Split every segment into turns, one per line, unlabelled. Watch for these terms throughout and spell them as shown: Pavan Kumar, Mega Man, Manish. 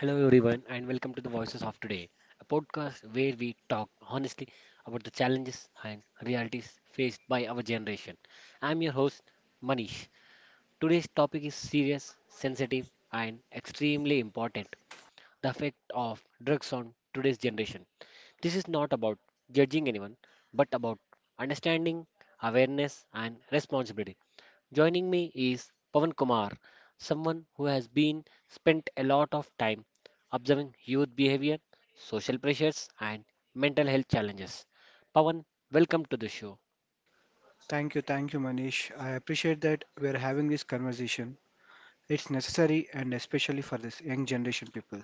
Hello, everyone, and welcome to the Voices of Today, a podcast where we talk honestly about the challenges and realities faced by our generation. I'm your host, Manish. Today's topic is serious, sensitive, and extremely important: the effect of drugs on today's generation. This is not about judging anyone, but about understanding, awareness, and responsibility. Joining me is Pavan Kumar, someone who has been spent a lot of time observing youth behavior, social pressures, and mental health challenges. Pavan, welcome to the show.
Thank you, Manish. I appreciate that we're having this conversation. It's necessary and especially for this young generation people.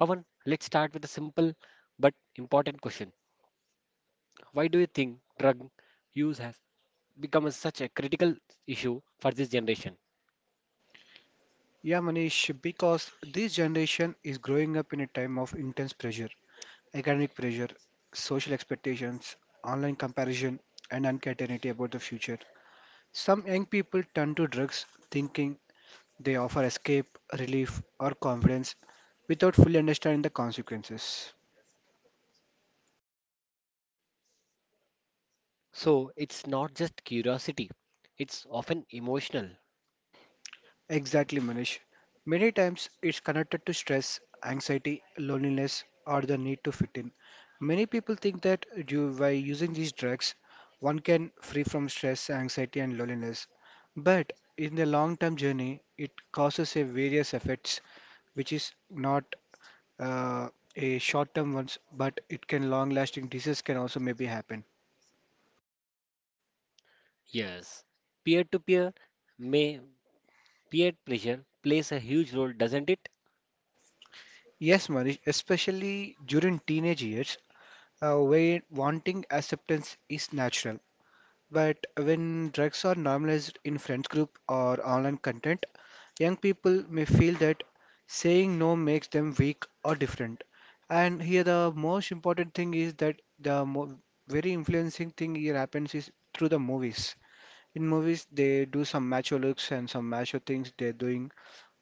Pavan, let's start with a simple but important question. Why do you think drug use has become such a critical issue for this generation?
Yeah, Manish, because this generation is growing up in a time of intense pressure, academic pressure, social expectations, online comparison, and uncertainty about the future. Some young people turn to drugs thinking they offer escape, relief, or confidence without fully understanding the consequences.
So it's not just curiosity, it's often emotional.
Exactly, Manish. Many times it's connected to stress, anxiety, loneliness, or the need to fit in. Many people think that due, by using these drugs, one can free from stress, anxiety, and loneliness. But in the long-term journey, it causes a various effects, which is not uh, a short-term ones, but it can long-lasting disease can also maybe happen.
Yes. Peer to peer may Peer pressure plays a huge role, doesn't it?
Yes, Manish, especially during teenage years, where wanting acceptance is natural. But when drugs are normalized in friends group or online content, young people may feel that saying no makes them weak or different. And here the most important thing is that the mo very influencing thing here happens is through the movies. In movies, they do some macho looks and some macho things they're doing.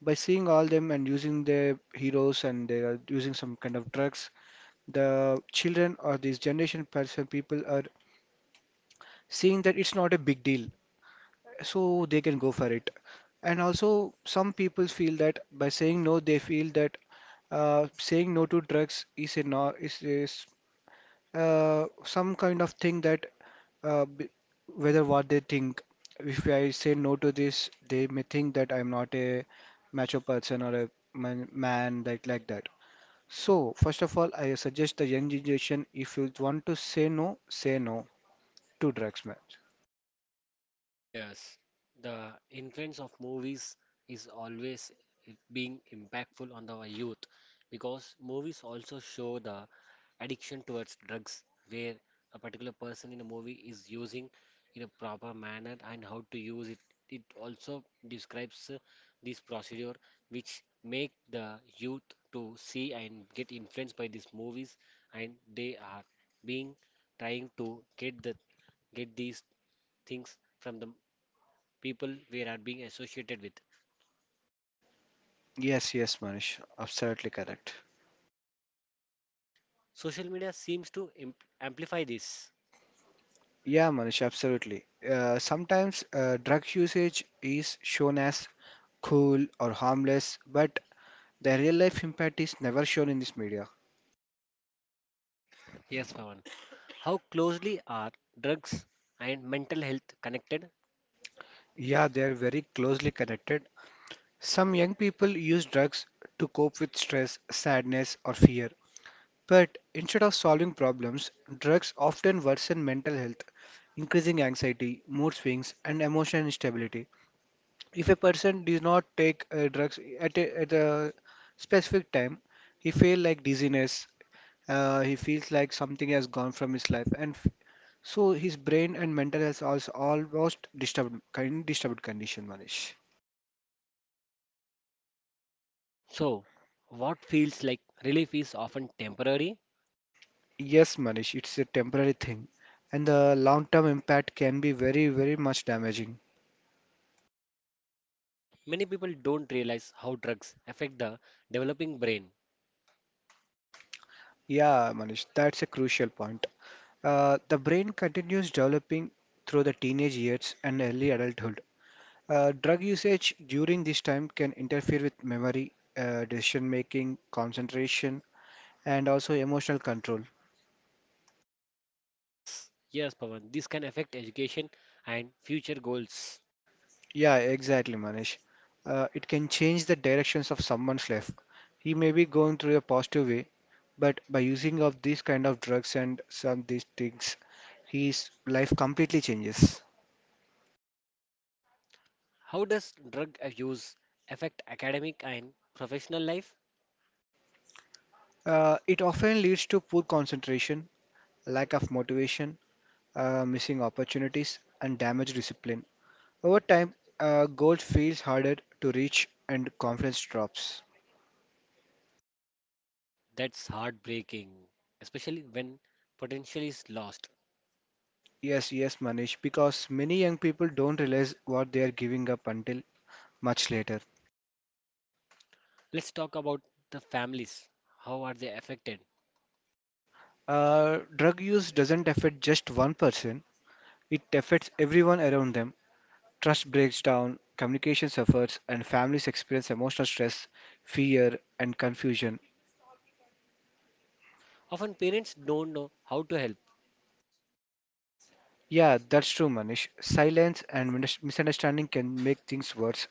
By seeing all them and using their heroes and they are using some kind of drugs, the children or this generation person people are seeing that it's not a big deal so they can go for it. And also, some people feel that by saying no, they feel that saying no to drugs is a no, is some kind of thing that uh, b- whether what they think. If I say no to this, they may think that I'm not a macho person or a man, like that. So, first of all, I suggest the young generation if you want to say no to drugs, man.
Yes, the influence of movies is always being impactful on the youth, because movies also show the addiction towards drugs, where a particular person in a movie is using in a proper manner and how to use it. It also describes this procedure which make the youth to see and get influenced by these movies, and they are being trying to get these things from the people we are being associated with.
Yes, yes, Manish, absolutely correct.
Social media seems to amplify this.
Yeah, Manish, absolutely. Sometimes drug usage is shown as cool or harmless, but the real life impact is never shown in this media.
Yes, Pawan. How closely are drugs and mental health connected?
Yeah, they are very closely connected. Some young people use drugs to cope with stress, sadness, or fear. But instead of solving problems, drugs often worsen mental health, increasing anxiety, mood swings, and emotional instability. If a person does not take drugs at a specific time, he feel like dizziness. He feels like something has gone from his life, and so his brain and mental health also almost disturbed, kind disturbed condition, Manish.
So, what feels like relief is often temporary.
Yes, Manish, it's a temporary thing, and the long-term impact can be very, very much damaging.
Many people don't realize how drugs affect the developing brain.
Yeah, Manish, that's a crucial point. The brain continues developing through the teenage years and early adulthood. Drug usage during this time can interfere with memory, decision making, concentration, and also emotional control.
Yes, yes, Pawan. This can affect education and future goals.
Yeah, exactly, Manish. It can change the directions of someone's life. He may be going through a positive way, but by using of these kind of drugs and some these things, his life completely changes.
How does drug abuse affect academic and professional life?
It often leads to poor concentration, lack of motivation, missing opportunities, and damaged discipline. Over time, gold feels harder to reach and confidence drops.
That's heartbreaking, especially when potential is lost.
Yes, yes, Manish, because many young people don't realize what they are giving up until much later.
Let's talk about the families. How are they affected?
Drug use doesn't affect just one person, it affects everyone around them. Trust breaks down, communication suffers, and families experience emotional stress, fear, and confusion.
Often parents don't know how to help.
Yeah, that's true, Manish. Silence and misunderstanding can make things worse.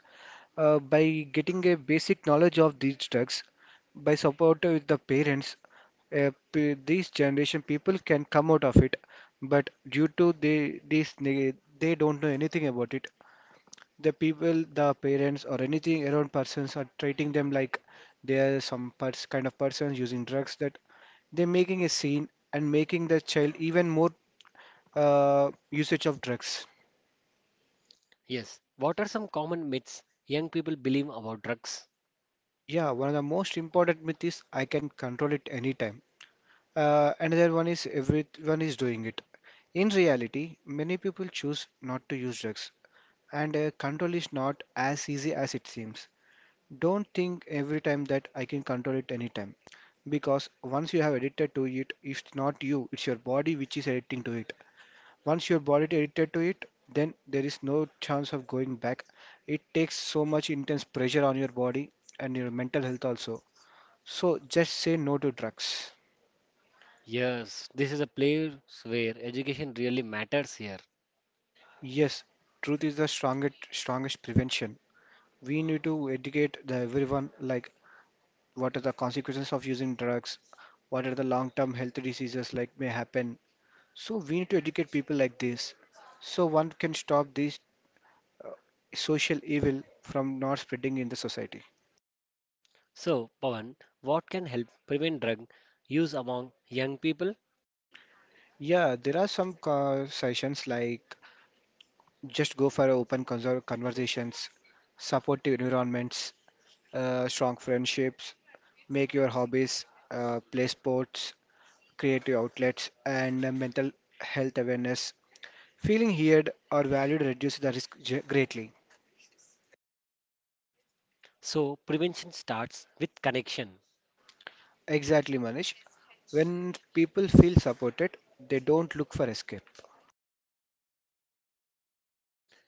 By getting a basic knowledge of these drugs, by support with the parents, these generation people can come out of it. But due to they, they don't know anything about it. The people, the parents, or anything around persons are treating them like they are some pers kind of persons using drugs that they're making a scene and making the child even more usage of drugs.
Yes, what are some common myths young people believe about drugs?
Yeah, one of the most important myth is I can control it anytime. Another one is everyone is doing it. In reality, many people choose not to use drugs, and control is not as easy as it seems. Don't think every time that I can control it anytime, because once you have addicted to it, it's not you, it's your body which is addicting to it. Once your body is addicted to it, then there is no chance of going back. It takes so much intense pressure on your body and your mental health also. So just say no to drugs.
Yes, this is a place where education really matters here.
Yes, truth is the strongest prevention. We need to educate the everyone like what are the consequences of using drugs, what are the long-term health diseases like may happen. So we need to educate people like this, so one can stop this social evil from not spreading in the society.
So, Pawan, what can help prevent drug use among young people?
Yeah, there are some sessions like just go for open conversations, supportive environments, strong friendships, make your hobbies, play sports, creative outlets, and mental health awareness. Feeling heard or valued reduces the risk greatly.
So, prevention starts with connection.
Exactly, Manish. When people feel supported, they don't look for escape.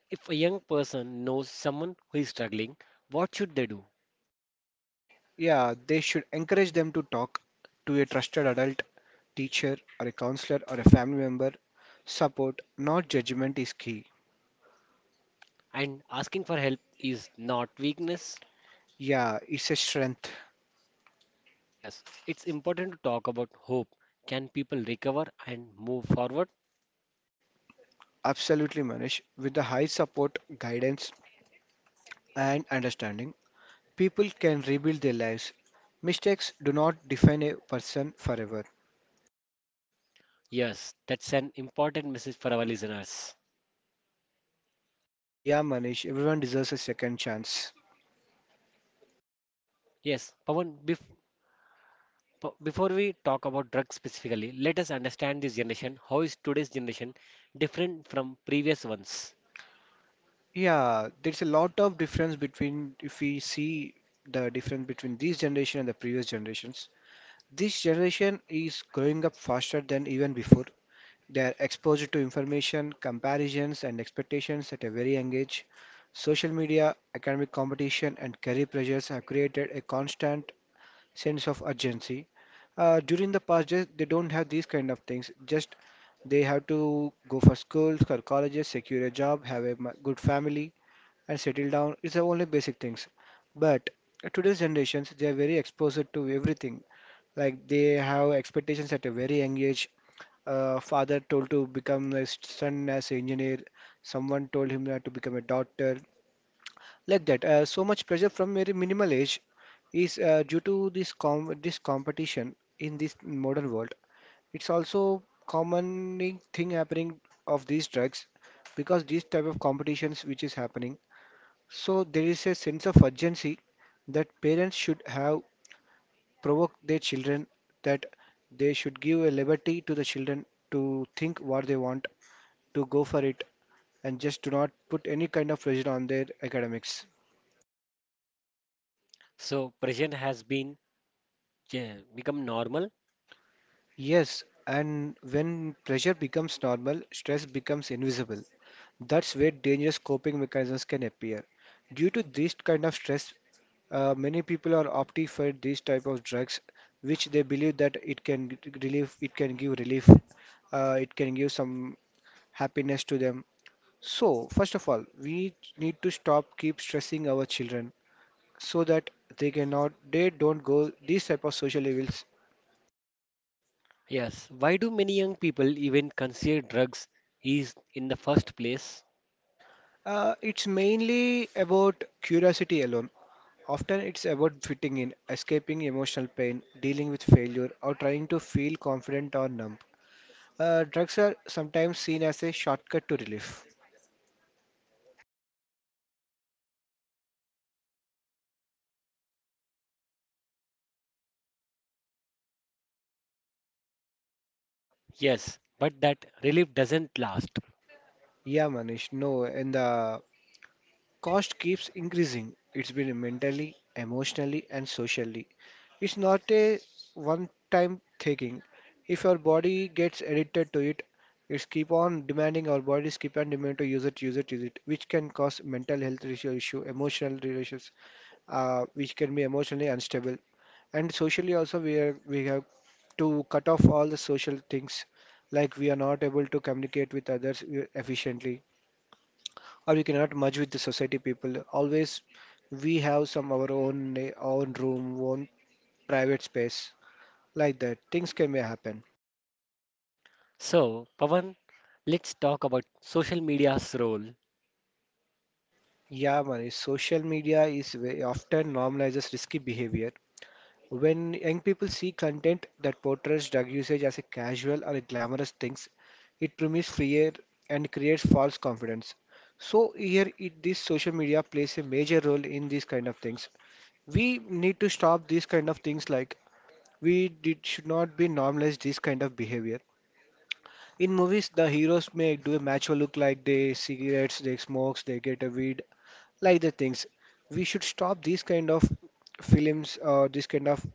If a young person knows someone who is struggling, what should they do?
Yeah, they should encourage them to talk to a trusted adult, teacher, or a counselor, or a family member. Support, not judgment, is key.
And asking for help is not weakness.
Yeah, it's a strength.
Yes, it's important to talk about hope. Can people recover and move forward?
Absolutely, Manish. With the high support, guidance, and understanding, people can rebuild their lives. Mistakes do not define a person forever.
Yes, that's an important message for our listeners.
Yeah, Manish, everyone deserves a second chance.
Yes, Pawan, before we talk about drugs specifically, let us understand this generation. How is today's generation different from previous ones?
Yeah, there's a lot of difference between if we see the difference between this generation and the previous generations. This generation is growing up faster than even before. They are exposed to information, comparisons, and expectations at a very young age. Social media, academic competition, and career pressures have created a constant sense of urgency. During the past days, they don't have these kind of things. Just they have to go for schools or colleges, secure a job, have a good family, and settle down. It's the only basic things. But today's generations, they are very exposed to everything. Like they have expectations at a very young age. Father told to become a son as an engineer. Someone told him that to become a doctor. Like that, so much pressure from very minimal age is due to this competition in this modern world. It's also common thing happening of these drugs because these type of competitions which is happening. So there is a sense of urgency that parents should have provoked their children that they should give a liberty to the children to think what they want, to go for it, and just do not put any kind of pressure on their academics.
So, prison has been, yeah, become normal.
Yes, and when pressure becomes normal, stress becomes invisible. That's where dangerous coping mechanisms can appear. Due to this kind of stress, many people are opting for these type of drugs, which they believe that it can give relief, it can give some happiness to them. So, first of all, we need to stop keep stressing our children so that they don't go these type of social evils.
Yes, why do many young people even consider drugs is in the first place?
It's mainly about curiosity alone. Often it's about fitting in, escaping emotional pain, dealing with failure, or trying to feel confident or numb. Drugs are sometimes seen as a shortcut to relief.
Yes, but that relief doesn't last.
Yeah, Manish, no, in the cost keeps increasing. It's been mentally, emotionally, and socially. It's not a one time thinking. If your body gets addicted to it, it's keep on demanding our bodies keep on demanding to use it, use it, use it, which can cause mental health issue, emotional relations, which can be emotionally unstable. And socially also we have to cut off all the social things like we are not able to communicate with others efficiently or you cannot merge with the society people. Always we have some our own room, own private space like that. Things can may happen.
So, Pawan, let's talk about social media's role.
Yeah, man. Social media is often normalizes risky behavior. When young people see content that portrays drug usage as a casual or a glamorous things, it removes fear and creates false confidence. So here, this social media plays a major role in these kind of things. We need to stop these kind of things like we did should not be normalize this kind of behavior. In movies, the heroes may do a macho look like they cigarettes, they smokes, they get a weed, like the things. We should stop these kind of films or this kind of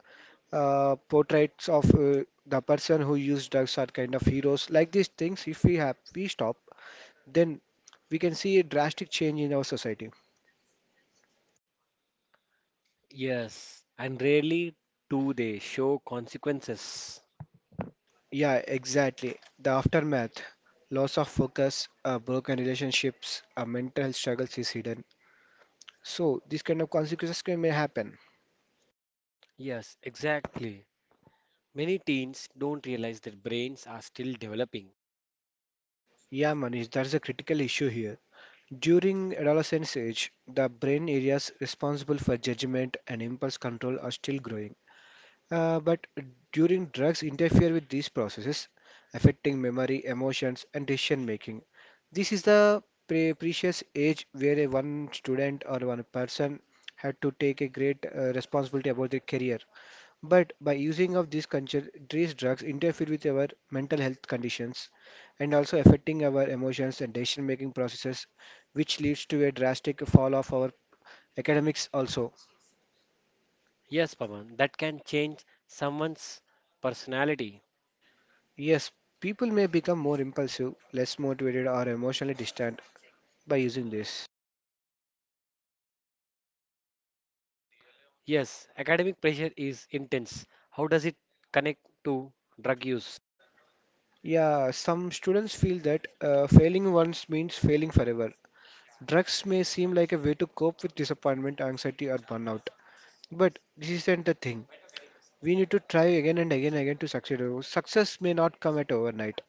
portraits of the person who use drugs are kind of heroes. Like these things, if we stop, then we can see a drastic change in our society.
Yes. And rarely do they show consequences.
Yeah, exactly. The aftermath, loss of focus, broken relationships, mental struggles is hidden. So these kind of consequences may happen.
Yes, exactly. Many teens don't realize their brains are still developing.
Yeah, Manish, that's a critical issue here. During adolescence age, the brain areas responsible for judgment and impulse control are still growing. But during drugs interfere with these processes, affecting memory, emotions, and decision making. This is the precious age where a one student or one person had to take a great responsibility about their career. But by using of these concentrated drugs interfere with our mental health conditions and also affecting our emotions and decision making processes, which leads to a drastic fall of our academics also.
Yes, Pawan, that can change someone's personality.
Yes, people may become more impulsive, less motivated or emotionally distant by using this.
Yes, academic pressure is intense. How does it connect to drug use?
Yeah, some students feel that failing once means failing forever. Drugs may seem like a way to cope with disappointment, anxiety, or burnout, but this isn't the thing. We need to try again and again and again to succeed. Success may not come at overnight.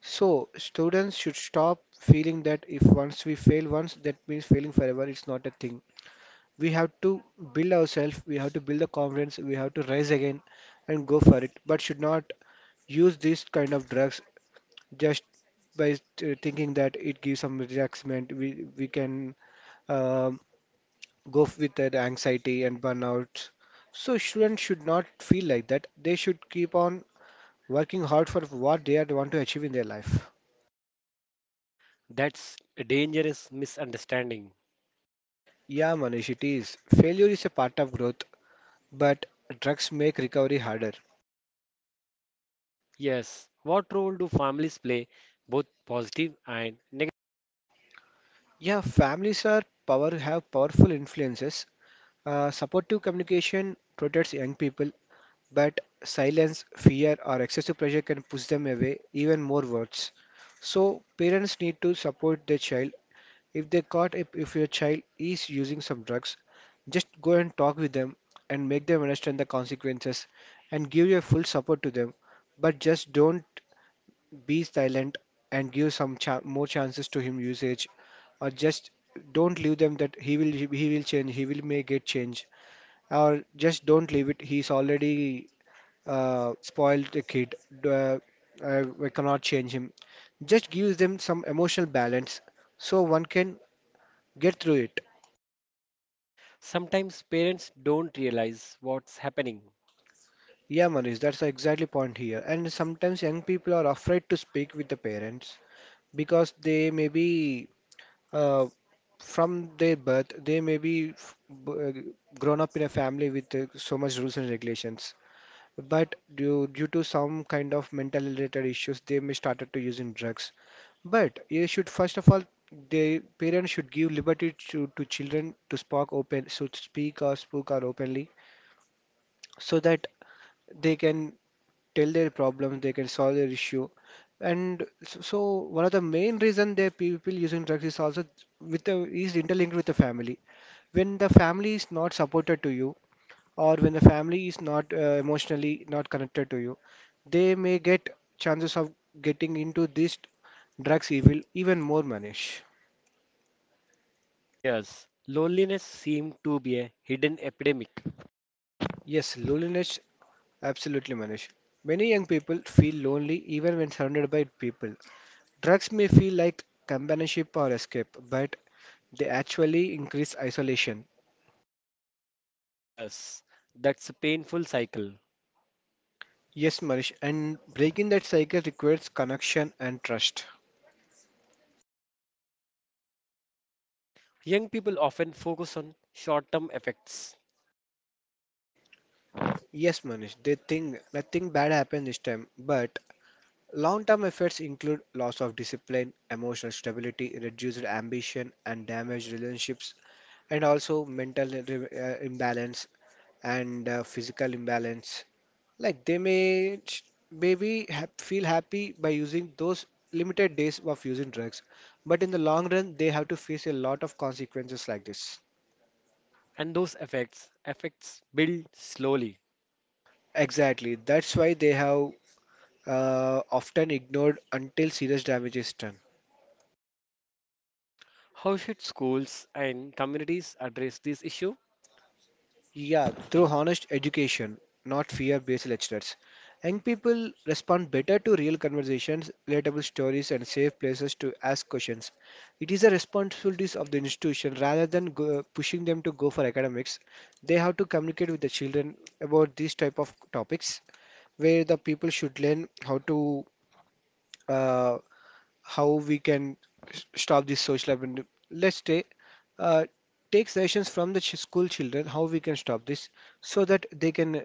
So students should stop feeling that if once we fail once, that means failing forever. It's not a thing. We have to build ourselves, we have to build the confidence, we have to rise again and go for it, but should not use these kind of drugs just by thinking that it gives some relaxment. We can um, go with that anxiety and burnout. So students should not feel like that. They should keep on working hard for what they want to achieve in their life.
That's a dangerous misunderstanding.
Yeah, Manish, it is. Failure is a part of growth, but drugs make recovery harder.
Yes. What role do families play, both positive and negative?
Yeah, families are power have powerful influences. Supportive communication protects young people, but silence, fear, or excessive pressure can push them away even more Words. So parents need to support their child. If they caught if your child is using some drugs, just go and talk with them and make them understand the consequences and give your full support to them. But just don't be silent and give some more chances to him usage, or just don't leave them that he will change, he will make it change, or just don't leave it, he's already spoiled the kid. uh, we cannot change him. Just give them some emotional balance, so one can get through it.
Sometimes parents don't realize what's happening.
Yeah, Manish, that's exactly point here. And sometimes young people are afraid to speak with the parents because they may be, uh, from their birth, they may be b- uh, grown up in a family with so much rules and regulations. But due to some kind of mental related issues, they may started to using drugs. But you should first of all, the parents should give liberty to children to spark open, so to speak or spoke or openly, so that they can tell their problems, they can solve their issue. So one of the main reason they people using drugs is also with the is interlinked with the family. When the family is not supported to you, or when the family is not emotionally not connected to you, they may get chances of getting into this drugs evil even more, Manish.
Yes. Loneliness seems to be a hidden epidemic.
Yes, loneliness, absolutely, Manish. Many young people feel lonely even when surrounded by people. Drugs may feel like companionship or escape, but they actually increase isolation.
Yes. That's a painful cycle.
Yes, Manish, and breaking that cycle requires connection and trust.
Young people often focus on short term effects,
Yes, Manish, they think nothing bad happened this time, but long term effects include loss of discipline, emotional stability, reduced ambition, and damaged relationships, and also mental imbalance and physical imbalance. Like they may ch- maybe ha feel happy by using those limited days of using drugs, but in the long run, they have to face a lot of consequences like this.
and those effects build slowly.
Exactly. That's why they have often ignored until serious damage is done.
How should schools and communities address this issue?
Yeah, through honest education, not fear-based lectures. Young people respond better to real conversations, relatable stories, and safe places to ask questions. It is the responsibilities of the institution rather than go, pushing them to go for academics. They have to communicate with the children about these type of topics, where the people should learn how to, uh, how we can stop this social abandon. Let's take uh, take suggestions from the school children how we can stop this, so that they can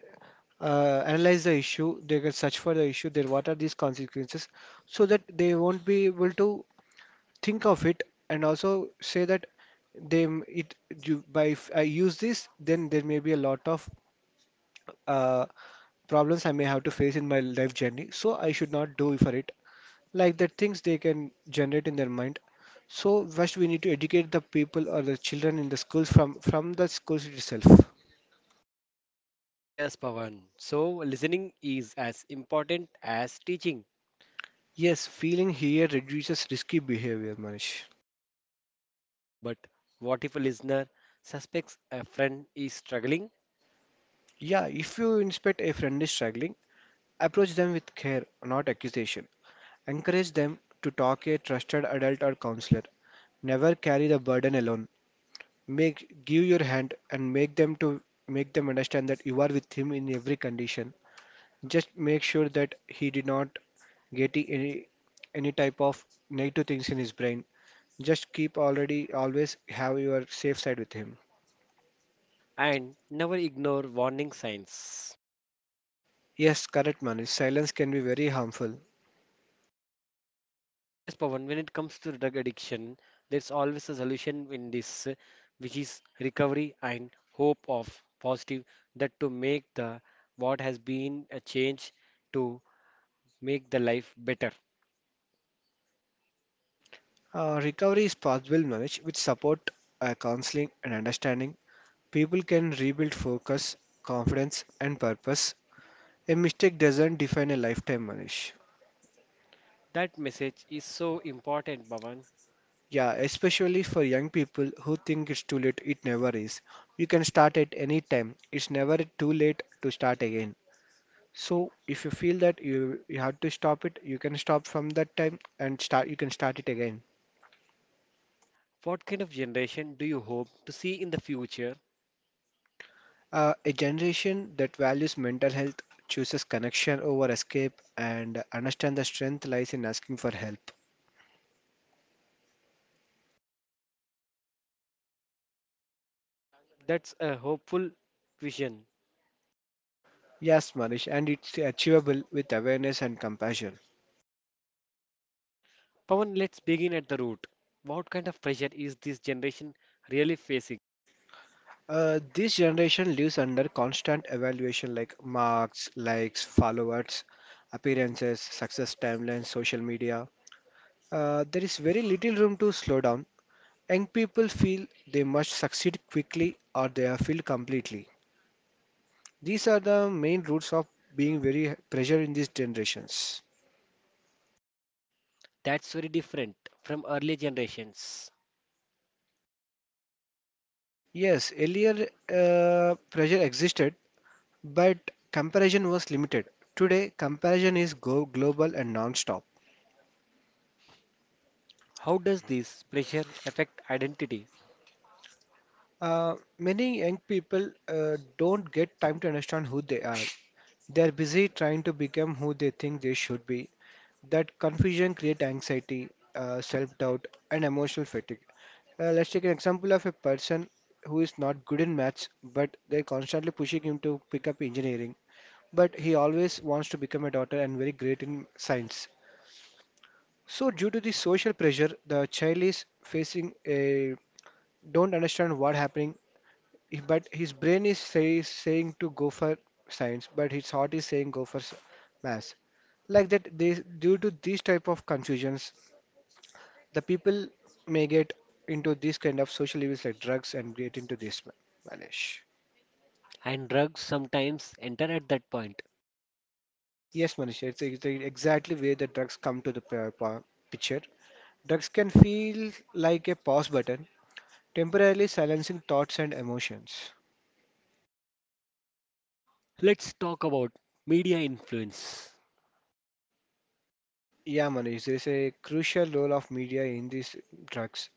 analyze the issue, they can search for the issue, then what are these consequences, so that they won't be able to think of it and also say that they m- it you, by if I use this, then there may be a lot of uh, problems I may have to face in my life journey, so I should not do for it, like the things they can generate in their mind. So first we need to educate the people or the children in the schools from the schools itself.
Yes, Pawan. So, listening is as important as teaching.
Yes, feeling here reduces risky behavior, Manish.
But what if a listener suspects a friend is struggling?
Yeah, if you inspect a friend is struggling, approach them with care, not accusation. Encourage them to talk a trusted adult or counselor. Never carry the burden alone. Make give your hand and make them to make them understand that you are with him in every condition. Just make sure that he did not getting any type of negative things in his brain. Just keep already always have your safe side with him.
And never ignore warning signs?
Yes, correct Manish. Silence can be very harmful.
Yes, Pawan, when it comes to drug addiction, there's always a solution in this, which is recovery and hope of positive, that to make the what has been a change to make the life better.
Recovery is possible, Manish, with support, counseling, and understanding. People can rebuild focus, confidence, and purpose. A mistake doesn't define a lifetime, Manish.
That message is so important, Pawan.
Yeah, especially for young people who think it's too late, it never is. You can start at any time. It's never too late to start again. So if you feel that you have to stop it, you can stop from that time and start you can start it again.
What kind of generation do you hope to see in the future?
A generation that values mental health chooses connection over escape and understand the strength lies in asking for help.
That's a hopeful vision.
Yes, Manish, and it's achievable with awareness and compassion.
Pawan, let's begin at the root. What kind of pressure is this generation really facing?
This generation lives under constant evaluation like marks, likes, followers, appearances, success timelines, social media. There is very little room to slow down. Young people feel they must succeed quickly or they are failed completely. These are the main roots of being very pressure in these generations.
That's very different from earlier generations.
Yes, earlier pressure existed, but comparison was limited. Today, comparison is go global and non-stop.
How does this pressure affect identity?
Many young people don't get time to understand who they are. They are busy trying to become who they think they should be. That confusion creates anxiety, self-doubt, and emotional fatigue. Let's take an example of a person who is not good in maths, but they're constantly pushing him to pick up engineering. But he always wants to become a doctor and very great in science. So due to the social pressure, the child is facing a don't understand what happening, but his brain is saying to go for science, but his heart is saying go for maths. Like that, this, due to these type of confusions, the people may get into these kind of social evils like drugs and get into this, Manish.
And drugs sometimes enter at that point.
Yes, Manish, it's the exactly where the drugs come to the picture. Drugs can feel like a pause button, temporarily silencing thoughts and emotions.
Let's talk about media influence.
Yeah, Manish, there is a crucial role of media in these drugs.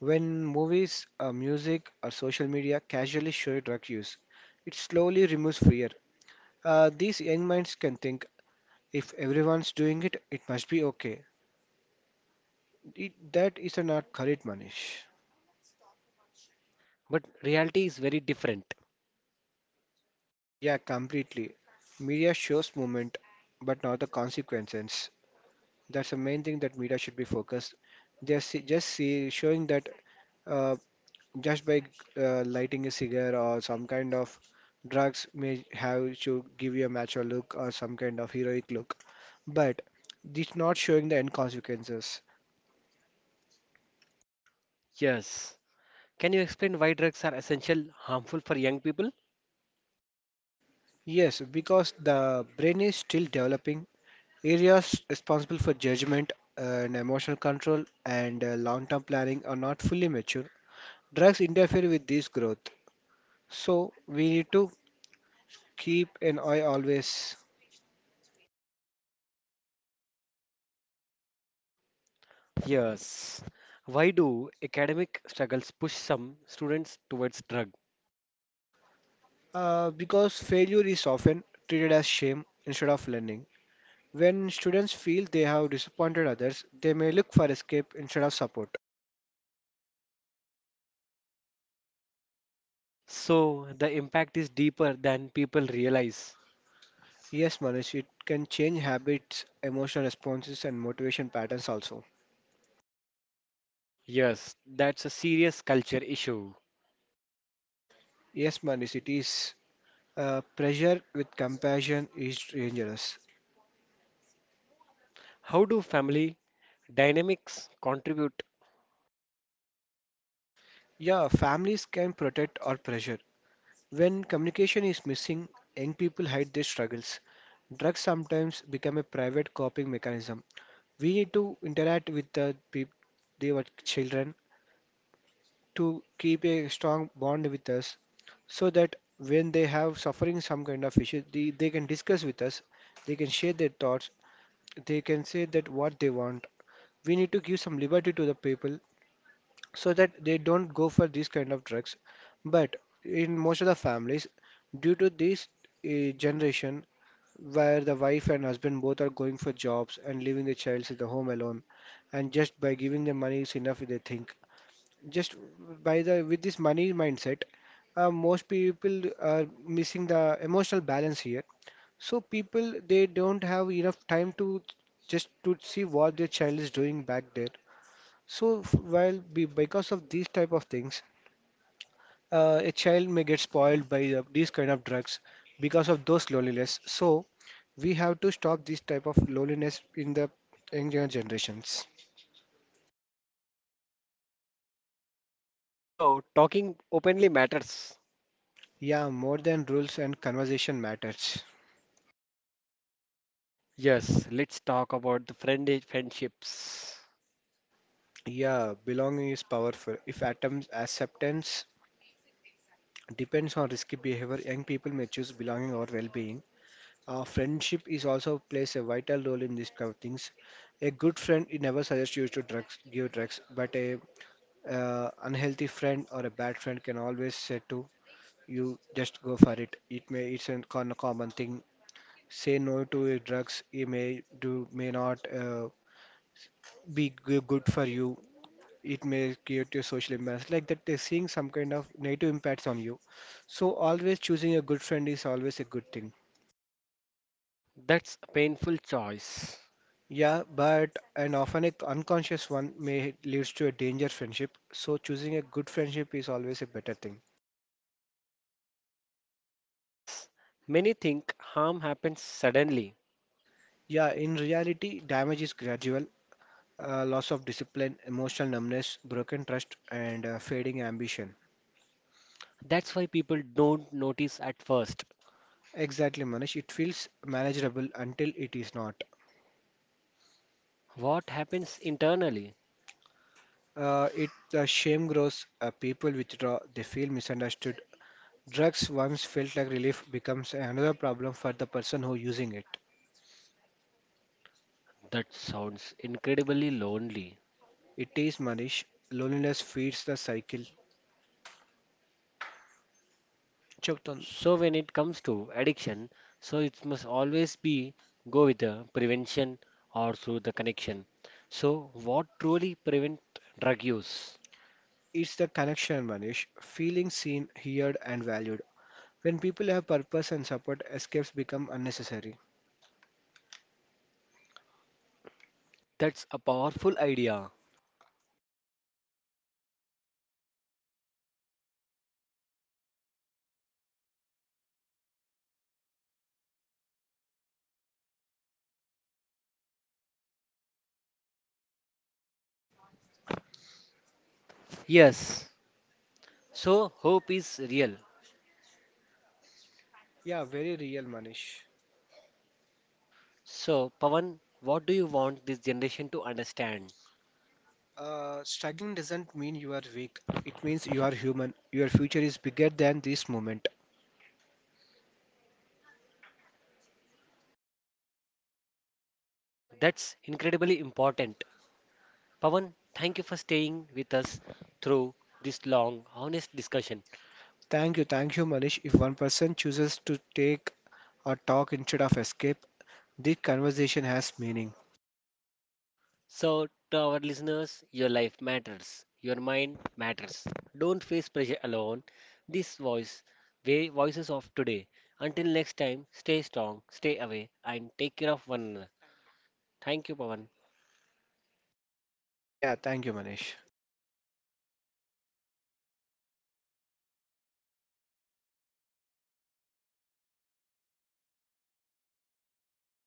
When movies, music, or social media casually show drug use, it slowly removes fear. These young minds can think, if everyone's doing it, it must be okay. It, that is not correct, Manish.
But reality is very different.
Yeah, completely. Media shows movement, but not the consequences. That's the main thing that media should be focused. They're showing that, uh, just by lighting a cigar or some kind of drugs may have to give you a macho look or some kind of heroic look. But this not showing the end consequences.
Yes. Can you explain why drugs are essential, harmful for young people?
Yes, because the brain is still developing. Areas responsible for judgment and emotional control and long term planning are not fully mature. Drugs interfere with this growth. So, we need to keep an eye always.
Yes. Why do academic struggles push some students towards drug?
Because failure is often treated as shame instead of learning. When students feel they have disappointed others, they may look for escape instead of support.
So the impact is deeper than people realize.
Yes, Manish, it can change habits, emotional responses, and motivation patterns also.
Yes, that's a serious culture issue.
Yes, Manish, it is. Pressure with compassion is dangerous.
How do family dynamics contribute?
Yeah, families can protect or pressure. When communication is missing, young people hide their struggles. Drugs sometimes become a private coping mechanism. We need to interact with the people, their children, to keep a strong bond with us, so that when they have suffering some kind of issue, they can discuss with us, they can share their thoughts, they can say that what they want. We need to give some liberty to the people so that they don't go for these kind of drugs. But in most of the families, due to this generation where the wife and husband both are going for jobs and leaving the child at the home alone, and just by giving them money is enough, they think. Just by the with this money mindset, most people are missing the emotional balance here. So people they don't have enough time to just to see what their child is doing back there, so because of these type of things, a child may get spoiled by the, these kind of drugs because of those loneliness. So we have to stop this type of loneliness in the younger generations.
So talking openly matters.
Yeah, more than rules and conversation matters.
Yes, let's talk about the friendships.
Yeah, belonging is powerful. If atoms acceptance depends on risky behavior, young people may choose belonging or well-being. Friendship is also plays a vital role in these kind of things. A good friend it never suggests you to drugs, give drugs, but a unhealthy friend or a bad friend can always say to you, just go for it. It may it's a common thing. Say no to your drugs. It may do may not be good for you. It may create your social imbalance like that. They're seeing some kind of negative impacts on you. So always choosing a good friend is always a good thing.
That's a painful choice.
Yeah, but an often a unconscious one may leads to a danger friendship. So choosing a good friendship is always a better thing.
Yes, many think harm happens suddenly.
Yeah, in reality, damage is gradual. Loss of discipline, emotional numbness, broken trust, and fading ambition.
That's why people don't notice at first.
Exactly, Manish. It feels manageable until it is not.
What happens internally?
It the shame grows. People withdraw. They feel misunderstood. Drugs once felt like relief becomes another problem for the person who using it.
That sounds incredibly lonely.
It is Manish. Loneliness feeds the cycle. Chautan,
So when it comes to addiction, so it must always be go with the prevention or through the connection. So what truly prevent drug use?
it's the connection, Manish. Feeling seen, heard, and valued. When people have purpose and support, escapes become unnecessary.
That's a powerful idea. Yes. So hope is real.
Yeah, very real, Manish.
So Pawan, what do you want this generation to understand?
Struggling doesn't mean you are weak. It means you are human. Your future is bigger than this moment.
That's incredibly important. Pawan, thank you for staying with us through this long, honest discussion.
Thank you, Manish. If one person chooses to take a talk instead of escape, this conversation has meaning.
So, to our listeners, your life matters, your mind matters. Don't face pressure alone. This voice, the voices of today. Until next time, stay strong, stay away, and take care of one another. Thank you, Pawan.
Yeah, thank you, Manish.